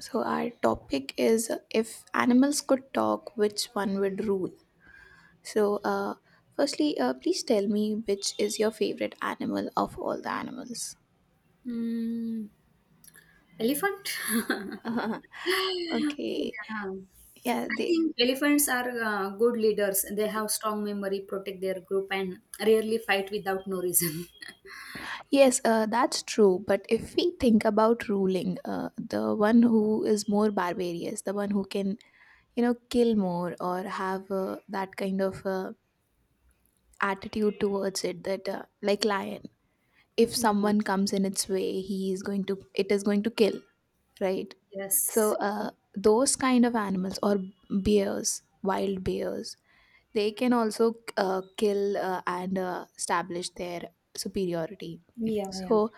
So, our topic is if animals could talk, which one would rule? So, firstly, please tell me which is your favorite animal of all the animals. Mm, elephant? Okay, Yeah. yeah, I think elephants are good leaders. They have strong memory, protect their group, and rarely fight without no reason. yes, that's true. But if we think about ruling, the one who is more barbarous, the one who can, kill more or have that kind of attitude towards it, that like lion, if Yeah. someone comes in its way, he is going to, it is going to kill. Right? So Yes. Those kind of animals or bears, wild bears, they can also kill and establish their superiority. Yeah, yeah. So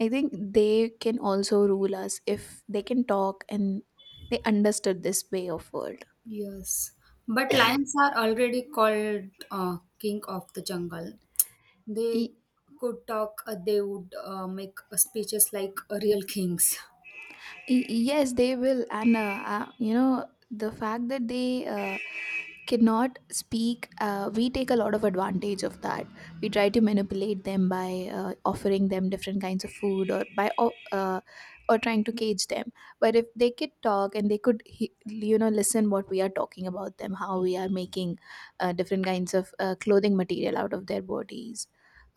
I think they can also rule us if they can talk and they understood this way of world. Yes. But lions are already called king of the jungle. They Y- could talk, they would make speeches like real kings. yes, they will, and you know the fact that they cannot speak, we take a lot of advantage of that. We try to manipulate them by offering them different kinds of food, or by or trying to cage them. But if they could talk and they could listen what we are talking about them, how we are making different kinds of clothing material out of their bodies,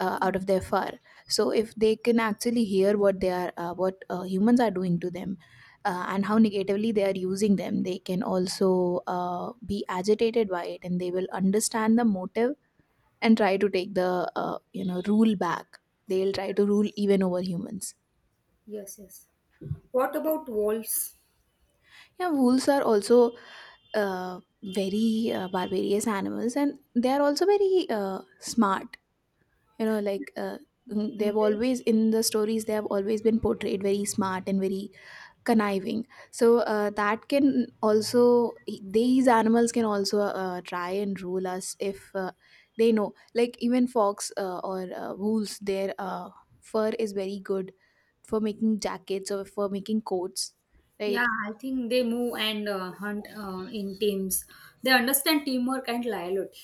out of their fur. So if they can actually hear what they are, what humans are doing to them, and how negatively they are using them, they can also be agitated by it, and they will understand the motive and try to take the rule back. They'll try to rule even over humans. Yes, yes. What about wolves? Yeah, wolves are also uh, very barbarous animals, and they are also very smart. Like, they've They always in the stories they have always been portrayed very smart and very conniving. So that can also these animals can also try and rule us. If they know, like, even fox or wolves, their fur is very good for making jackets or for making coats, Yeah, right? I think they move and hunt in teams. They understand teamwork and loyalty.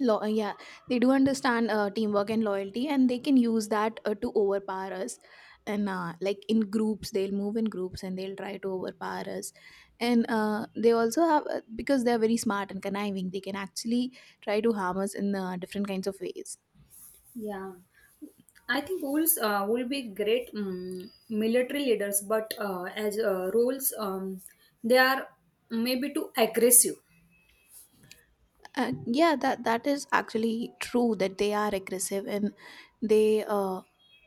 Law Yeah, they do understand teamwork and loyalty, and they can use that to overpower us. And like, in groups, they'll move in groups and they'll try to overpower us. And they also have because they're very smart and conniving, they can actually try to harm us in different kinds of ways. Yeah, I think wolves will be great military leaders, but as rules, they are maybe too aggressive. Yeah, that is actually true, that they are aggressive. And they,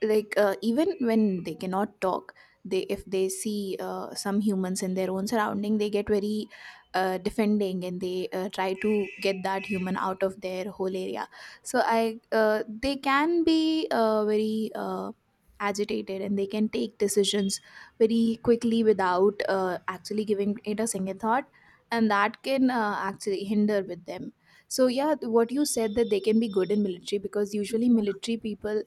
like, even when they cannot talk, they if they see some humans in their own surrounding, they get very defending and they try to get that human out of their whole area. So I they can be very agitated, and they can take decisions very quickly without actually giving it a single thought, and that can actually hinder with them. So yeah, what you said, that they can be good in military, because usually Yeah. military people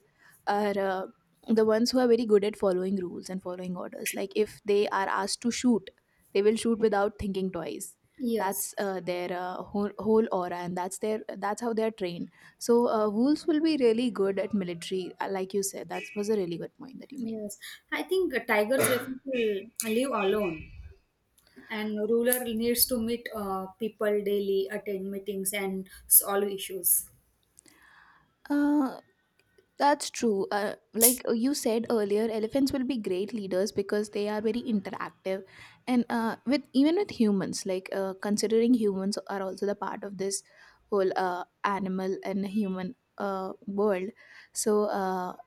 are the ones who are very good at following rules and following orders. Like, if they are asked to shoot, they will shoot without thinking twice. Yes, That's their whole aura, and that's how they are trained. So wolves will be really good at military, like you said. That was a really good point that you made. yes. I think tigers refuse to live alone, and ruler needs to meet people daily, attend meetings, and solve issues. Uh, That's true. Like, you said earlier, elephants will be great leaders because they are very interactive, and with even with humans, like, considering humans are also the part of this whole animal and human world. So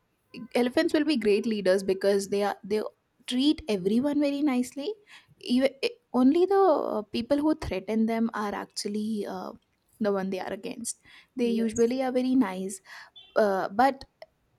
elephants will be great leaders, because they treat everyone very nicely. Even, only the people who threaten them are actually the one they are against. They Yes. usually are very nice. uh, but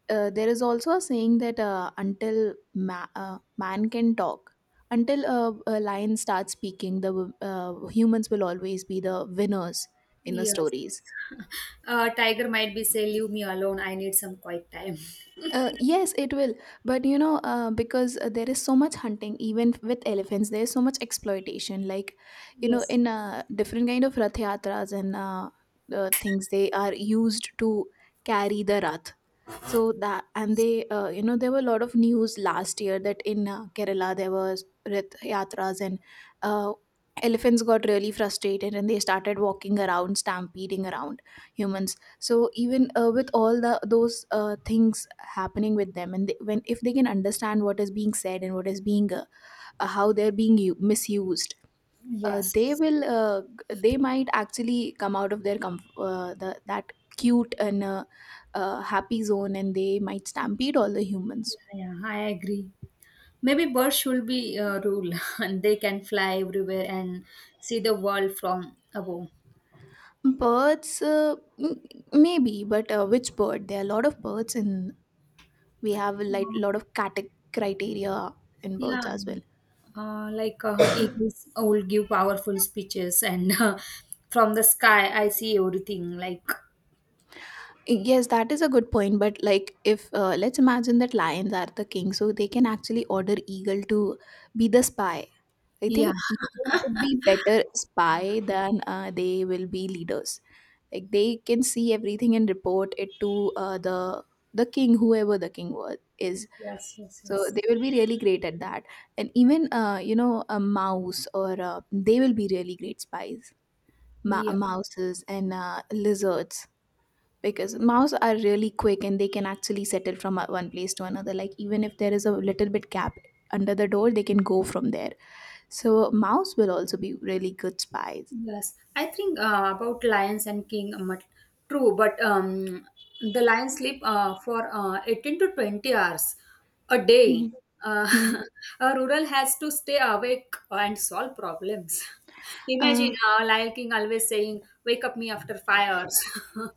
uh, there is also a saying that until man can talk, until a lion starts speaking, the humans will always be the winners in the Yes. stories. Tiger might be say, "Leave me alone. I need some quiet time." Yes, it will. But, because there is so much hunting, even with elephants, there is so much exploitation. Like, Yes. in different kind of rath yatras and things, they are used to carry the rath. So that. And they, there were a lot of news last year, that in Kerala there was rath Yatras, and uh, elephants got really frustrated and they started walking around, stampeding around humans. So even with all the those things happening with them, and they, when if they can understand what is being said and what is being how they're being misused, they Yes. will, they might actually come out of their that cute and happy zone, and they might stampede all the humans. Yeah, yeah, I agree. Maybe birds should be a rule, and they can fly everywhere and see the world from above. Birds, maybe, but which bird? There are a lot of birds, and we have a like, Mm. lot of criteria in Yeah, birds as well. Like eagles will give powerful speeches, and from the sky, I see everything. Like, Yes, that is a good point, but, like, if let's imagine that lions are the king, so they can actually order eagle to be the spy. I yeah, think eagles would be better spy than, they will be leaders. Like, they can see everything and report it to the king, whoever the king was is. Yes. Yes. Yes. So they will be really great at that. And even, a mouse or they will be really great spies. Yeah. Mouses and lizards, because mouse are really quick and they can actually settle from one place to another. Like, even if there is a little bit gap under the door, they can go from there. So mouse will also be really good spies. Yes, I think about lions and king. True, but the lions sleep for 18 to 20 hours a Hmm. day. Uh, a rural has to stay awake and solve problems. Imagine uh, a lion king always saying, "Wake up me after 5 hours."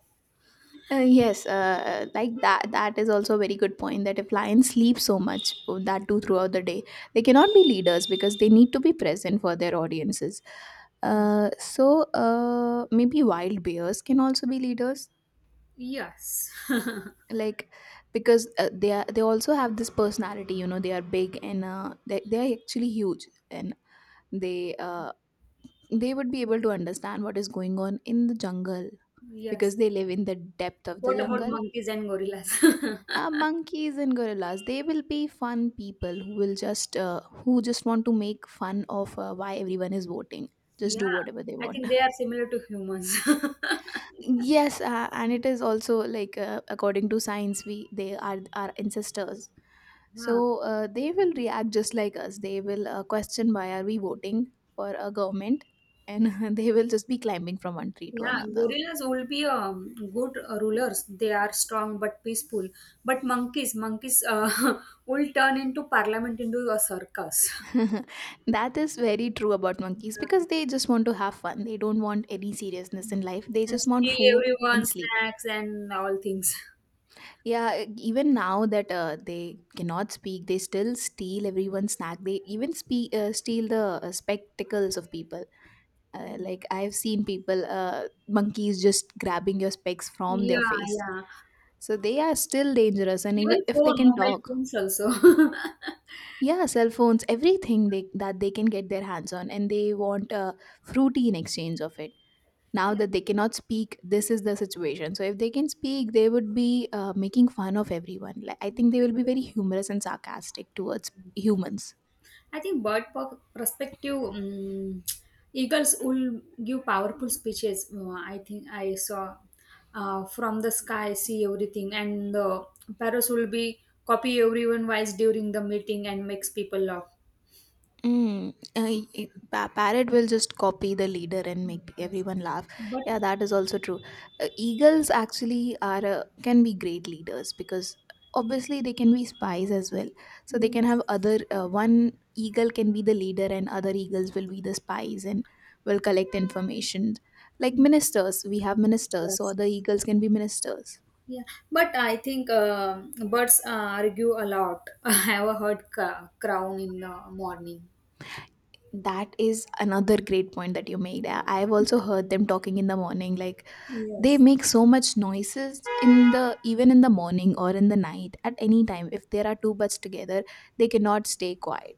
yes, like that. That is also a very good point. That if lions sleep so much, oh, that too throughout the day, they cannot be leaders, because they need to be present for their audiences. So maybe wild bears can also be leaders, Yes, like, because they also have this personality. They are big, and they are actually huge, and they uh, they would be able to understand what is going on in the jungle, because yes. they live in the depth of the What about jungle. monkeys and gorillas? uh, monkeys and gorillas, they will be fun people, who just want to make fun of, why everyone is voting, just Yeah, do whatever they I want. think they are similar to humans. Yes, and it is also like, according to science, we they are our ancestors. So Yeah. They will react just like us. They will question why are we voting for a government, and they will just be climbing from one tree to Yeah, another. gorillas will be good rulers. They are strong but peaceful. But monkeys, will turn into parliament into a circus. That is very true about monkeys, because Yeah. they just want to have fun. They don't want any seriousness in life. They And just want steal food everyone and sleep. snacks and all things. Yeah, even now that they cannot speak, they still steal everyone's snack. They even steal the spectacles of people. Like, I've seen monkeys just grabbing your specs from their Yeah, face. yeah. So they are still dangerous, and even Even if they phone, can mobile talk, phones also. yeah, cell phones, everything that they can get their hands on, and they want a fruity in exchange of it. Now that they cannot speak, this is the situation. So if they can speak, they would be making fun of everyone. Like, I think they will be very humorous and sarcastic towards Yeah. humans. I think bird perspective, eagles will give powerful speeches. I think I saw from the sky, see everything, and the parrots will be copy everyone wise during the meeting and makes people laugh. Parrot will just copy the leader and make Yes. everyone laugh. But Yeah, that is also true. Eagles, actually are can be great leaders, because obviously they can be spies as well. So they can yes, have other one eagle can be the leader, and other eagles will be the spies and will collect information. Like ministers, we have ministers, so yes. other eagles can be ministers. Yeah, but I think birds argue a lot. I have heard crown in the morning. That is another great point that you made. I- I've also heard them talking in the morning, like they Yes. make so much noises in the even in the morning or in the night. At any time if there are two birds together they cannot stay quiet,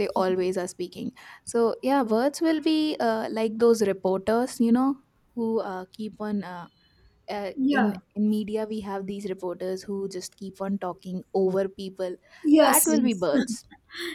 they always are speaking. So yeah, birds will be like those reporters who keep on in Yeah. in media. We have these reporters who just keep on talking over people. Yes, That will be yes. birds.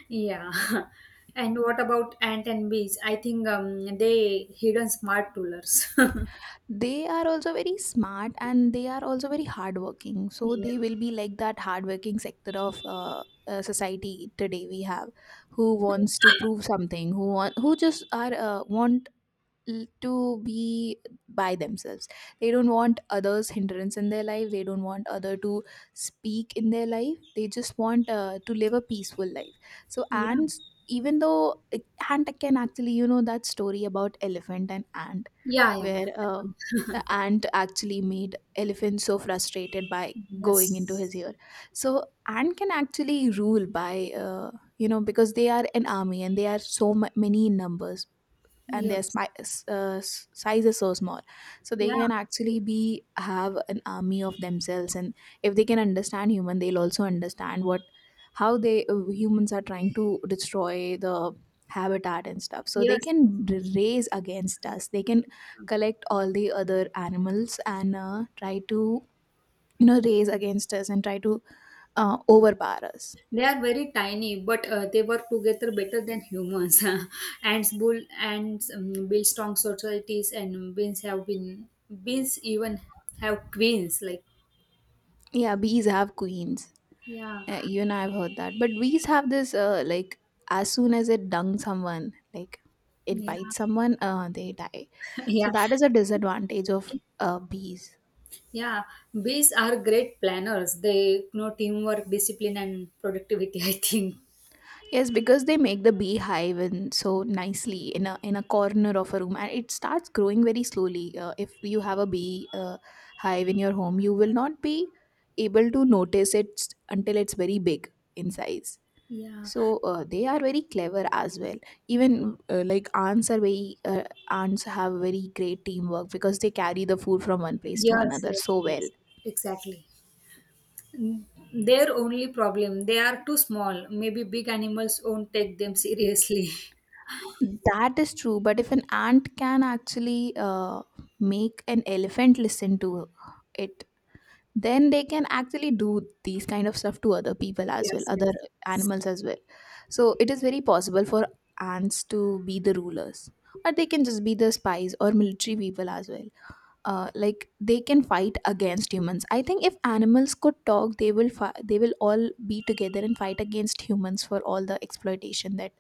Yeah. And what about ant and bees? I think they hidden smart rulers. They are also very smart and they are also very hardworking, so Yeah. they will be like that hardworking sector of society today we have, who wants to prove something, who just are want to be by themselves. They don't want others hindrance in their life, they don't want other to speak in their life, they just want to live a peaceful life. So Yeah. ants, even though ant can actually, you know, that story about elephant and ant Yeah, yeah, yeah. where the ant actually made elephant so frustrated by going into his Yes. ear. So ant can actually rule by, you know, because they are an army and they are so many in numbers, and their Yes. Uh, size is so small. So they Yeah. can actually be have an army of themselves, and if they can understand human they'll also understand what, how they, humans are trying to destroy the habitat and stuff. So they Yes. can raise against us, they can collect all the other animals and try to, you know, raise against us and try to overpower us. They are very tiny, but they work together better than humans. Ants bull ants build strong societies, and beans have been beans even have queens. Like Yeah, bees have queens. yeah, You and I have heard that. But bees have this, like, as soon as it dung someone, like, it yeah, bites someone, they die. yeah. So that is a disadvantage of bees. Yeah, bees are great planners. They know teamwork, discipline, and productivity, I think. Yes, because they make the beehive and so nicely in a corner of a room, and it starts growing very slowly. If you have a bee hive in your home, you will not be able to notice it until it's very big in size. Yeah, So they are very clever as well. Even like ants are very ants have very great teamwork, because they carry the food from one place to yes, another yes, so well. yes, exactly. N- Their only problem, they are too small. Maybe big animals won't take them seriously. That is true, but if an ant can actually make an elephant listen to it, then they can actually do these kind of stuff to other people as well, Yes, other yes, animals as well. So it is very possible for ants to be the rulers, or they can just be the spies or military people as well. Uh, like they can fight against humans. I think if animals could talk they will they will all be together and fight against humans for all the exploitation that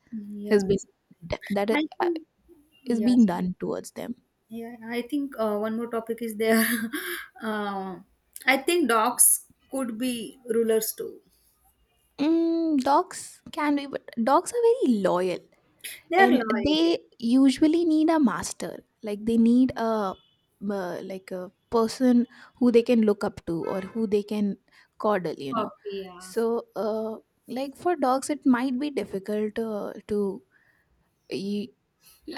has been yes. That I uh, think, is being yes, done towards them. yeah, I think one more topic is there. uh, I think dogs could be rulers too. Mm, dogs can be, but dogs are very loyal They are and loyal, yeah. they usually need a master, like they need a, like a person who they can look up to or who they can coddle, you know. Puppy, So like for dogs it might be difficult to y-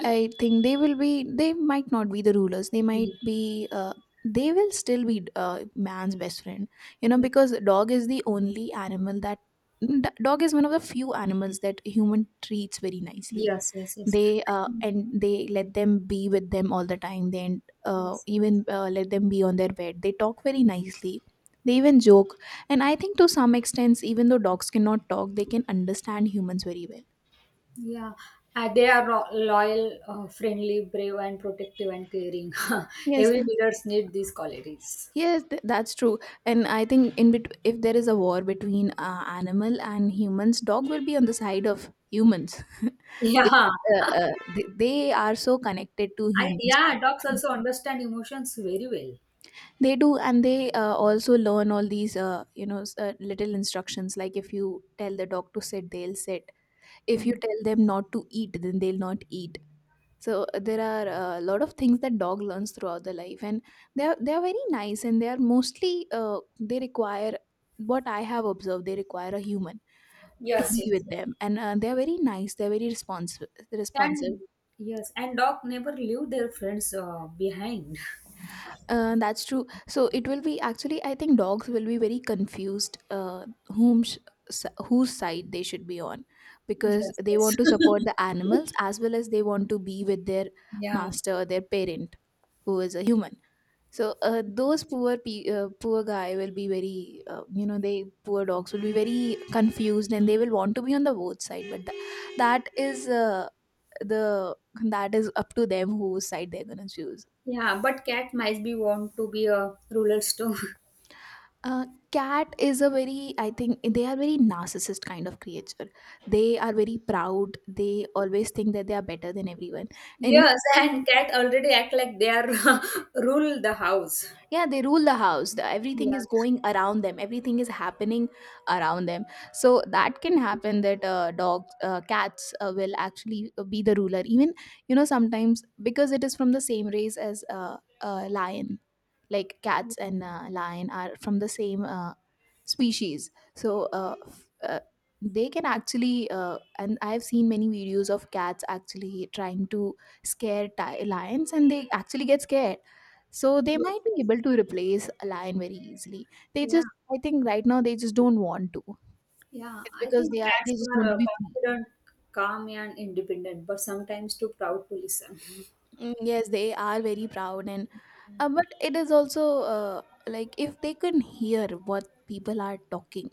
I think they will be, they might not be the rulers, they yeah. might be they will still be uh, man's best friend, you know, Yeah. because dog is the only animal that dog is one of the few animals that human treats very nicely. Yes, yes, yes. They Mm, and they let them be with them all the time, they and, yes. even let them be on their bed, they talk very nicely, they even joke. And I think to some extent, even though dogs cannot talk, they can understand humans very well. Yeah. They are loyal, friendly, brave, and protective and caring. Yes. Every leaders need these qualities. Yes, that's true. And I think in if there is a war between animal and humans, dog will be on the side of humans. Yeah. Because, they are so connected to I, humans yeah, all the dogs time. also understand emotions very well. They do, and they also learn all these, you know, little instructions, like if you tell the dog to sit they'll sit, if you Mm. tell them not to eat then they'll not eat. So there are a lot of things that dog learns throughout the life. And they are, they are very nice, and they are mostly they require, what I have observed, they require a human to Yes, yes, be with yes. them. And they are very nice, they're very responsive. And, yes, and dog never leave their friends behind. That's true. So it will be actually, I think dogs will be very confused whom whose side they should be on, because Yes, they yes. want to support the animals as well as they want to be with their Yeah. master, their parent, who is a human. So those poor poor guy will be very, you know, they, poor dogs will be very confused and they will want to be on the both side. But that is the, that is up to them whose side they're gonna choose. Yeah, but cat might be want to be a ruler too. Uh, cat is a very, I think they are very narcissist kind of creature. They are very proud, they always think that they are better than everyone. Any. Yes, and cat already act like they are rule the house. Yeah, they rule the house. The- everything Yeah. is going around them, everything is happening around them. So that can happen, that dogs cats will actually be the ruler even, you know, sometimes, because it is from the same race as lion. Like cats and Mhm. Lion are from the same species. So they can actually and I've seen many videos of cats actually trying to scare lions, and they actually get scared. So they might be able to replace a lion very easily. They Yeah. just, I think right now they just don't want to. Yeah. It's I because think they are, cats they just want are to be free. confident, calm, and independent, but sometimes too proud to listen. Mm, yes, they are very proud. And but it is also like if they can hear what people are talking,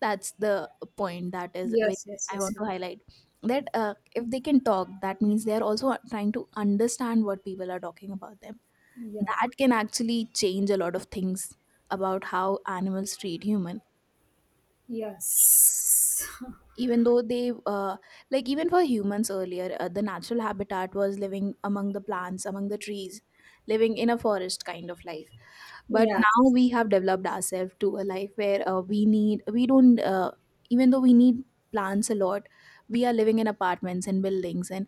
that's the point that is very, Yes, yes, I yes, want yes. to highlight, that if they can talk, that means they are also trying to understand what people are talking about them. Yeah. That can actually change a lot of things about how animals treat humans. Yes. Even though they like, even for humans earlier, the natural habitat was living among the plants, among the trees, living in a forest kind of life. But now Yes. we have developed ourselves to a life where we need, we don't even though we need plants a lot, we are living in apartments and buildings and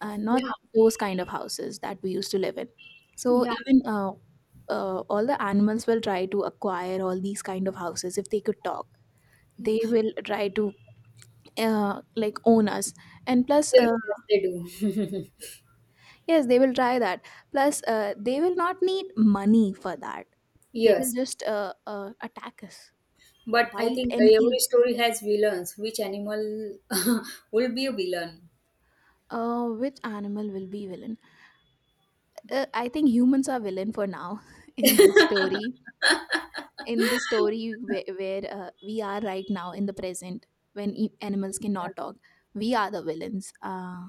not Yeah. those kind of houses that we used to live in. So Yeah. even all the animals will try to acquire all these kind of houses if they could talk. Yeah. They will try to like own us. And plus Yes, yes, they do. yes they will try that. Plus they will not need money for that, they will Yes. just attack us, But I bite think and kill. every story has villains. Which animal will be a villain? Uh, which animal will be villain? Uh, I think humans are villain for now in this story, in the story where we are right now in the present, when animals cannot talk, we are the villains. Uh,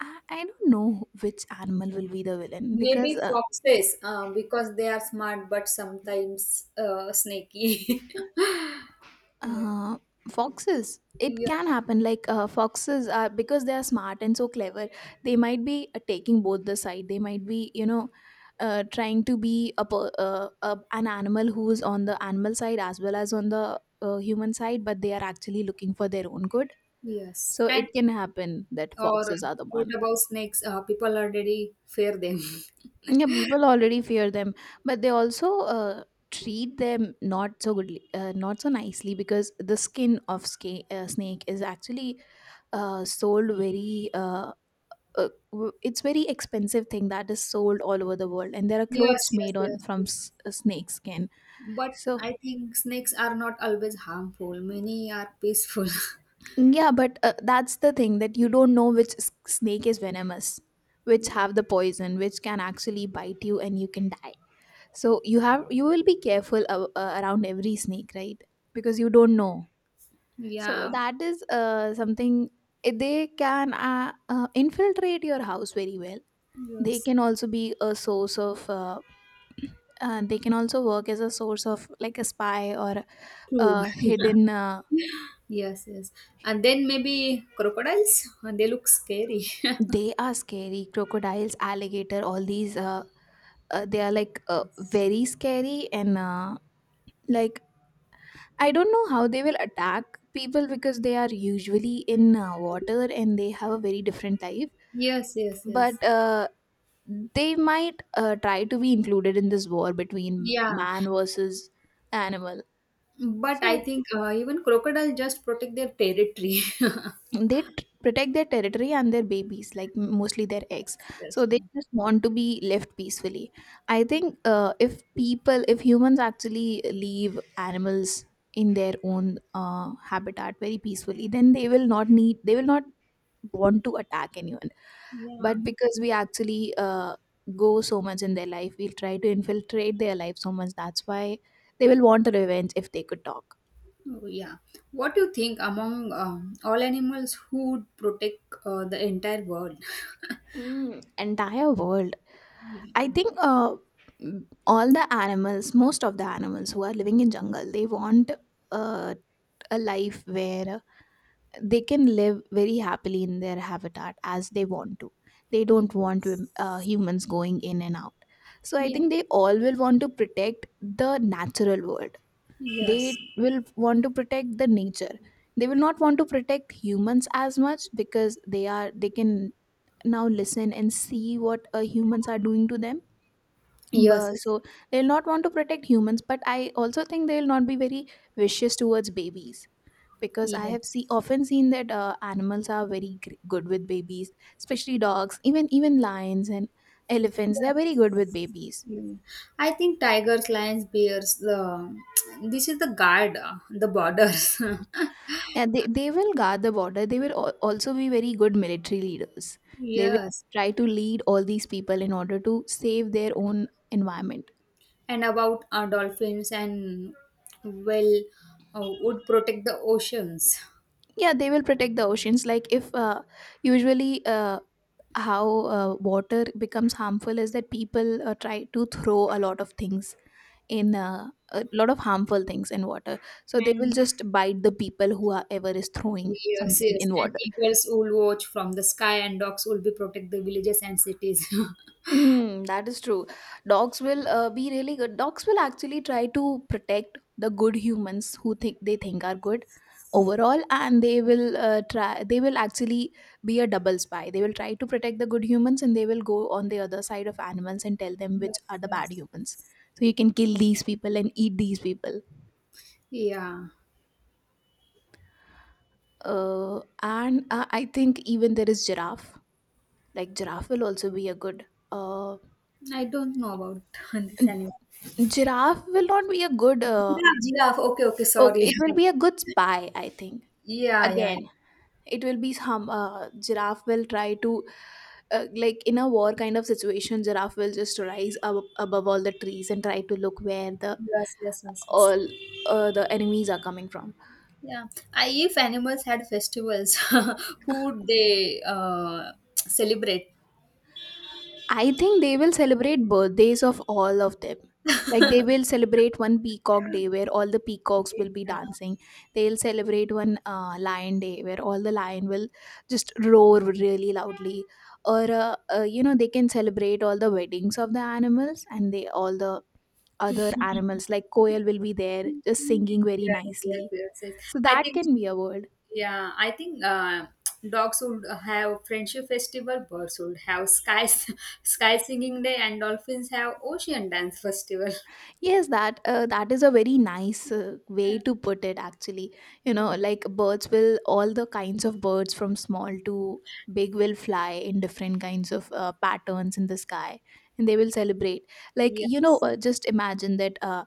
I don't know which animal will be the villain, because Maybe foxes, because they are smart but sometimes snaky. Yeah. uh, foxes. It Yeah, can happen. Like foxes are, because they are smart and so clever. They might be taking both the side. They might be, you know, trying to be a, a an animal who is on the animal side as well as on the human side, but they are actually looking for their own good. yes. So And it can happen that or foxes are the what one. about snakes? People already fear them. Yeah, people already fear them, but they also treat them not so goodly, not so nicely, because the skin of snake is actually sold very it's very expensive thing that is sold all over the world, and there are Yes, clothes yes, made on yes, from yes. Snake skin. But So I think snakes are not always harmful. Many are peaceful. yeah, but that's the thing, that you don't know which snake is venomous, which Yeah. have the poison, which can actually bite you and you can die. So you have, you will be careful around every snake, right? Because you don't know. So Yeah, that is something, eh, they can infiltrate your house very well. They yes, can also be a source of. They can also work as a source of like a spy or true. a hidden. Yes, yes. And then maybe crocodiles. They look scary. They are scary, crocodiles, alligator, all these. They are like very scary and like, I don't know how they will attack people, because they are usually in water and they have a very different type. Yes, yes, yes. But they might try to be included in this war between Yeah. man versus animal. But I So think even crocodile just protect their territory. they protect their territory and their babies, like mostly their eggs. So Yes. they just want to be left peacefully. I think if people, if humans actually leave animals in their own habitat very peacefully, then they will not need, they will not want to attack anyone. Yeah. But because we actually go so much in their life, we'll try to infiltrate their life so much, that's why they will want revenge if they could talk. Oh, yeah. What do you think among all animals who would protect the entire world? Mm, entire world. Yeah. I think all the animals, most of the animals who are living in jungle, they want uh, a life where they can live very happily in their habitat as they want to. They Ye- don't want to, humans going in and out. So I Yeah. think they all will want to protect the natural world. They Yes. will want to protect the nature. They will not want to protect humans as much because they can now listen and see what humans are doing to them. Yes. But, so they'll not want to protect humans, but I also think they'll not be very vicious towards babies because I Yeah. have see often seen that animals are very good with babies, especially dogs, even lions and elephants. They are Yes. very good with babies. Yeah. I think tigers, lions, bears, the this is the guard, the borders. Yeah, they will guard the border. They will also be very good military leaders. They will Yes. try to lead all these people in order to save their own environment. And about dolphins and, well, would protect the oceans. Yeah, they will protect the oceans. Like if usually how water becomes harmful is that people try to throw a lot of things in a lot of harmful things in water. So they will And just bite the people who are ever is throwing yes, something yes, in and water. eagles will watch from the sky, and dogs will be protect the villages and cities. Mm, that is true. Dogs will be really good. Dogs will actually try to protect the good humans who think they think are good overall, and they will try they will actually be a double spy. They will try to protect the good humans, and they will go on the other side of animals and tell them which Yes, are the bad yes, humans, so you can kill these people and eat these people. yeah, And I think even there is giraffe. Like giraffe will also be a good. Uh, I don't know about this animal. n- Giraffe will not be a good. Giraffe, okay, okay, sorry. Okay, it will be a good spy. I think Yeah, yeah, yeah. again, it will be some. Giraffe will try to. Like in a war kind of situation, giraffe will just rise above all the trees and try to look where the Yes, yes, yes, yes. all the enemies are coming from. Yeah. If animals had festivals, who would they celebrate? I think they will celebrate birthdays of all of them. Like they will celebrate one peacock day where all the peacocks will be Yeah. dancing. They'll celebrate one lion day where all the lion will just roar really loudly. Or you know, they can celebrate all the weddings of the animals, and they all the other animals like koel will be there just singing very Yes, yes, nicely. yes, yes. So I that think, can be a world. yeah, I think dogs would have friendship festival, birds would have sky sky singing day, and dolphins have ocean dance festival. Yes, that that is a very nice way Yeah. to put it. Actually, you Yeah. know, like birds will, all the kinds of birds from small to big, will fly in different kinds of patterns in the sky, and they will celebrate. Like you know, Yes. Just imagine that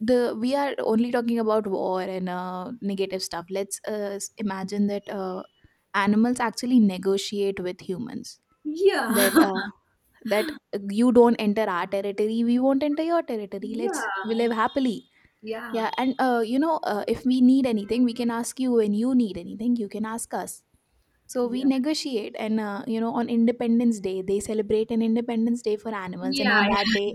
the we are only talking about war and negative stuff. Let's imagine that animals actually negotiate with humans, that Yeah. That you don't enter our territory, we won't enter your territory, let's we Yeah. live happily, Yeah. yeah, and you know, if we need anything we can ask you, and you need anything you can ask us. So we Yeah. negotiate, and you know, on independence day they celebrate an independence day for animals, and Yeah. on that day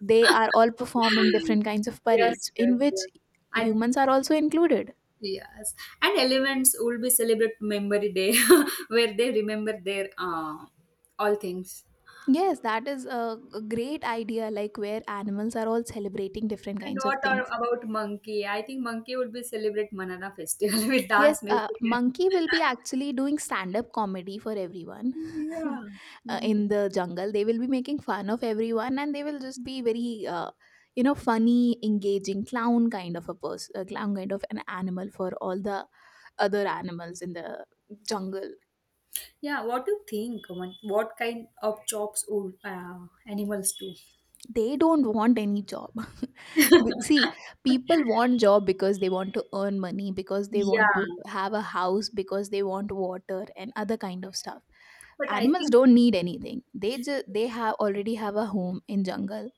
they are all performing different kinds of Yes. parades in Yes. Yes. which I humans are also included. yes. And elements will be celebrate memory day, where they remember their all things. Yes, that is a great idea, like where animals are all celebrating different kinds of Not things. about monkey. I think monkey would be celebrate Manana festival with Yes, dance music. Monkey will be actually doing stand up comedy for everyone Yeah. Mhm. in the jungle. They will be making fun of everyone, and they will just be very, you know, funny, engaging clown kind of a person, a clown kind of an animal for all the other animals in the jungle. Yeah. What do you think? Aman? What kind of jobs would animals do? They don't want any job. But see, people want job because they want to earn money, because they want Yeah, to have a house, because they want water and other kind of stuff. but I Animals think don't need anything. They have already have a home in jungle.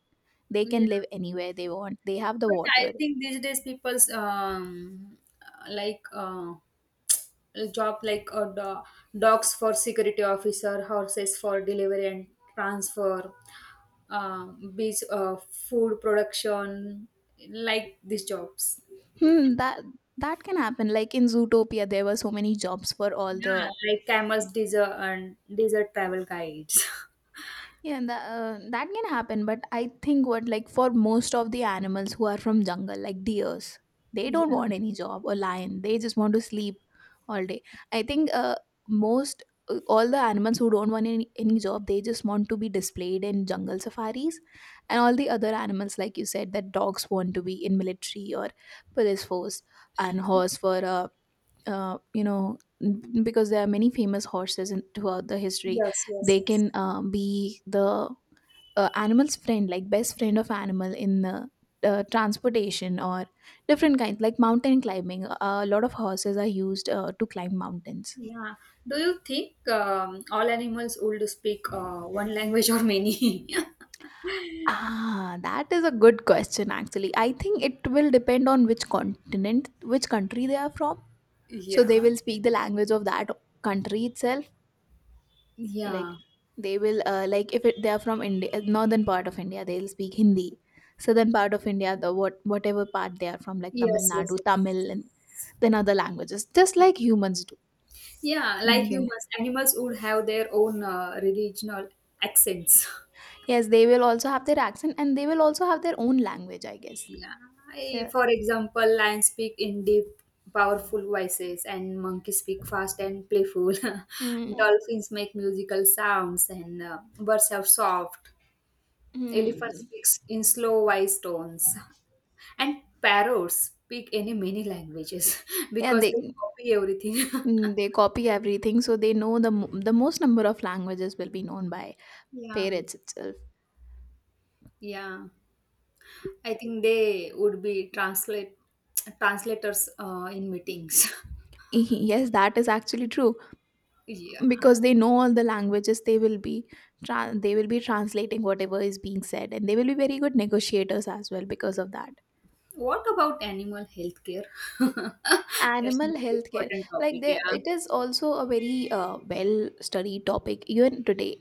They yeah, can live anywhere they want. They have the but I water. think these days people's like job like dogs for security officer, horses for delivery and transfer, uh, bees food production, like these jobs. Hmm, that that can happen. Like in Zootopia, there were so many jobs for all the. Yeah, like camels, desert travel guides. Yeah, and that, that can happen, but I think what, like for most of the animals who are from jungle, like deers, they don't Yeah. want any job, or lion. They just want to sleep all day. I think most all the animals who don't want any job, they just want to be displayed in jungle safaris, and all the other animals, like you said, that dogs want to be in military or police force, and horse for you know, because there are many famous horses in, throughout the history, Yes. Yes. they Yes. can be the animal's friend, like best friend of animal in the transportation or different kinds, like mountain climbing, a lot of horses are used to climb mountains. Yeah. Do you think all animals would speak one language or many? Ah, that is a good question. Actually, I think it will depend on which continent, which country they are from, so they Yeah. will speak the language of that country itself. Like Yeah. they will like if it, they are from India, northern part of India, they'll speak Hindi; southern part of India, the whatever part they are from, like Tamil Yes. Yes. Nadu, Yes. Tamil, and then other languages, just like humans do. Yeah, like Anything. humans, animals would have their own regional accents. Yes, they will also have their accent, and they will also have their own language, I guess. Yeah, Yeah. for example, lions speak in deep, powerful voices, and monkeys speak fast and playful. Mm. Dolphins make musical sounds, and birds are soft. Elephants Mm. speaks in slow voice tones, and parrots speak any many languages Yeah, because they they, copy everything. mm, they copy everything, so they know the the most number of languages will be known by Yeah, parents itself. yeah. I think they would be translate translators in meetings. Yes, that is actually true, Yeah. because they know all the languages, they will be they will be translating whatever is being said, and they will be very good negotiators as well because of that. What about animal healthcare? That's the Animal most healthcare, important like topic. there, Yeah. it is also a very well studied topic even today,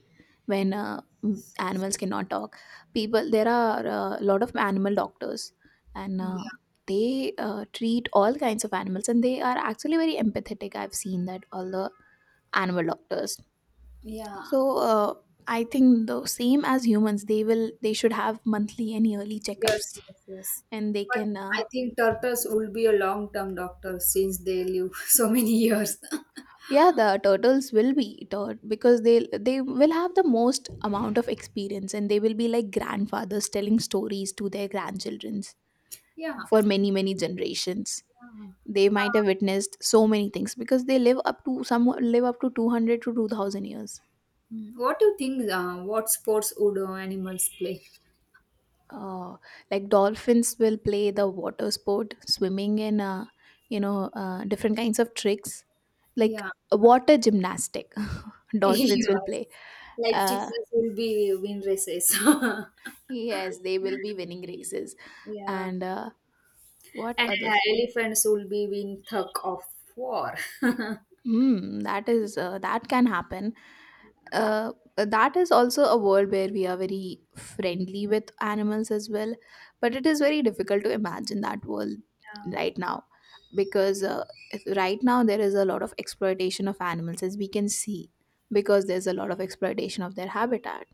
when animals cannot talk, people, there are a lot of animal doctors, and Yeah. they treat all kinds of animals, and they are actually very empathetic. I've seen that all the animal doctors. Yeah. So I think the same as humans, they will, they should have monthly and yearly Yes. checkups, Yes. Yes. and they But can. I think turtles will be a long term doctor since they live so many years. Yeah, the turtles will be because they will have the most amount of experience, and they will be like grandfathers telling stories to their grandchildrens Yeah. Yeah. for many many generations. Uh, They might have witnessed so many things because they live up to some live up to 200 to 2,000 years. what do you think? What sports would animals play? uh, like dolphins will play the water sport swimming in you know, different kinds of tricks, like Yeah. water gymnastic. Dolphins Yes. will play. Like uh, chickens will be win races. yes, they will be winning races, Yeah. and what And other. Elephants will be win thug of war. Mm, that is that can happen. That is also a world where we are very friendly with animals as well, but it is very difficult to imagine that world Yeah. right now, because right now there is a lot of exploitation of animals, as we can see, because there's a lot of exploitation of their habitat.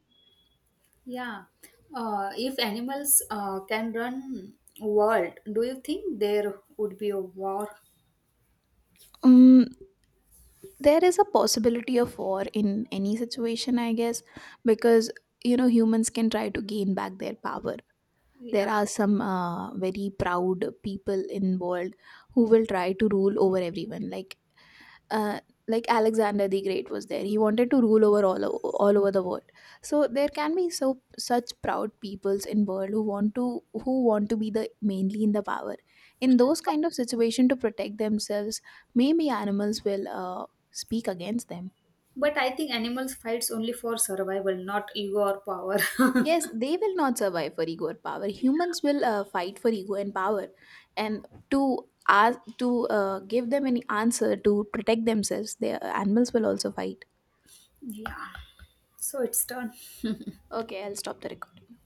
Yeah. If animals can run world, do you think there would be a war? Um, there is a possibility of war in any situation, I guess, because you know, humans can try to gain back their power. There Yeah. are some very proud people involved who will try to rule over everyone, uh, like Alexander the Great was there, he wanted to rule over all over the world, so there can be such proud peoples in world who want to be the mainly in the power. In those kind of situation, to protect themselves, maybe animals will speak against them. But I think animals fights only for survival, not ego or power. Yes, they will not survive for ego or power. Humans will fight for ego and power, and to ask to give them any answer to protect themselves, the animals will also fight. Yeah. So it's done. Okay, I'll stop the recording.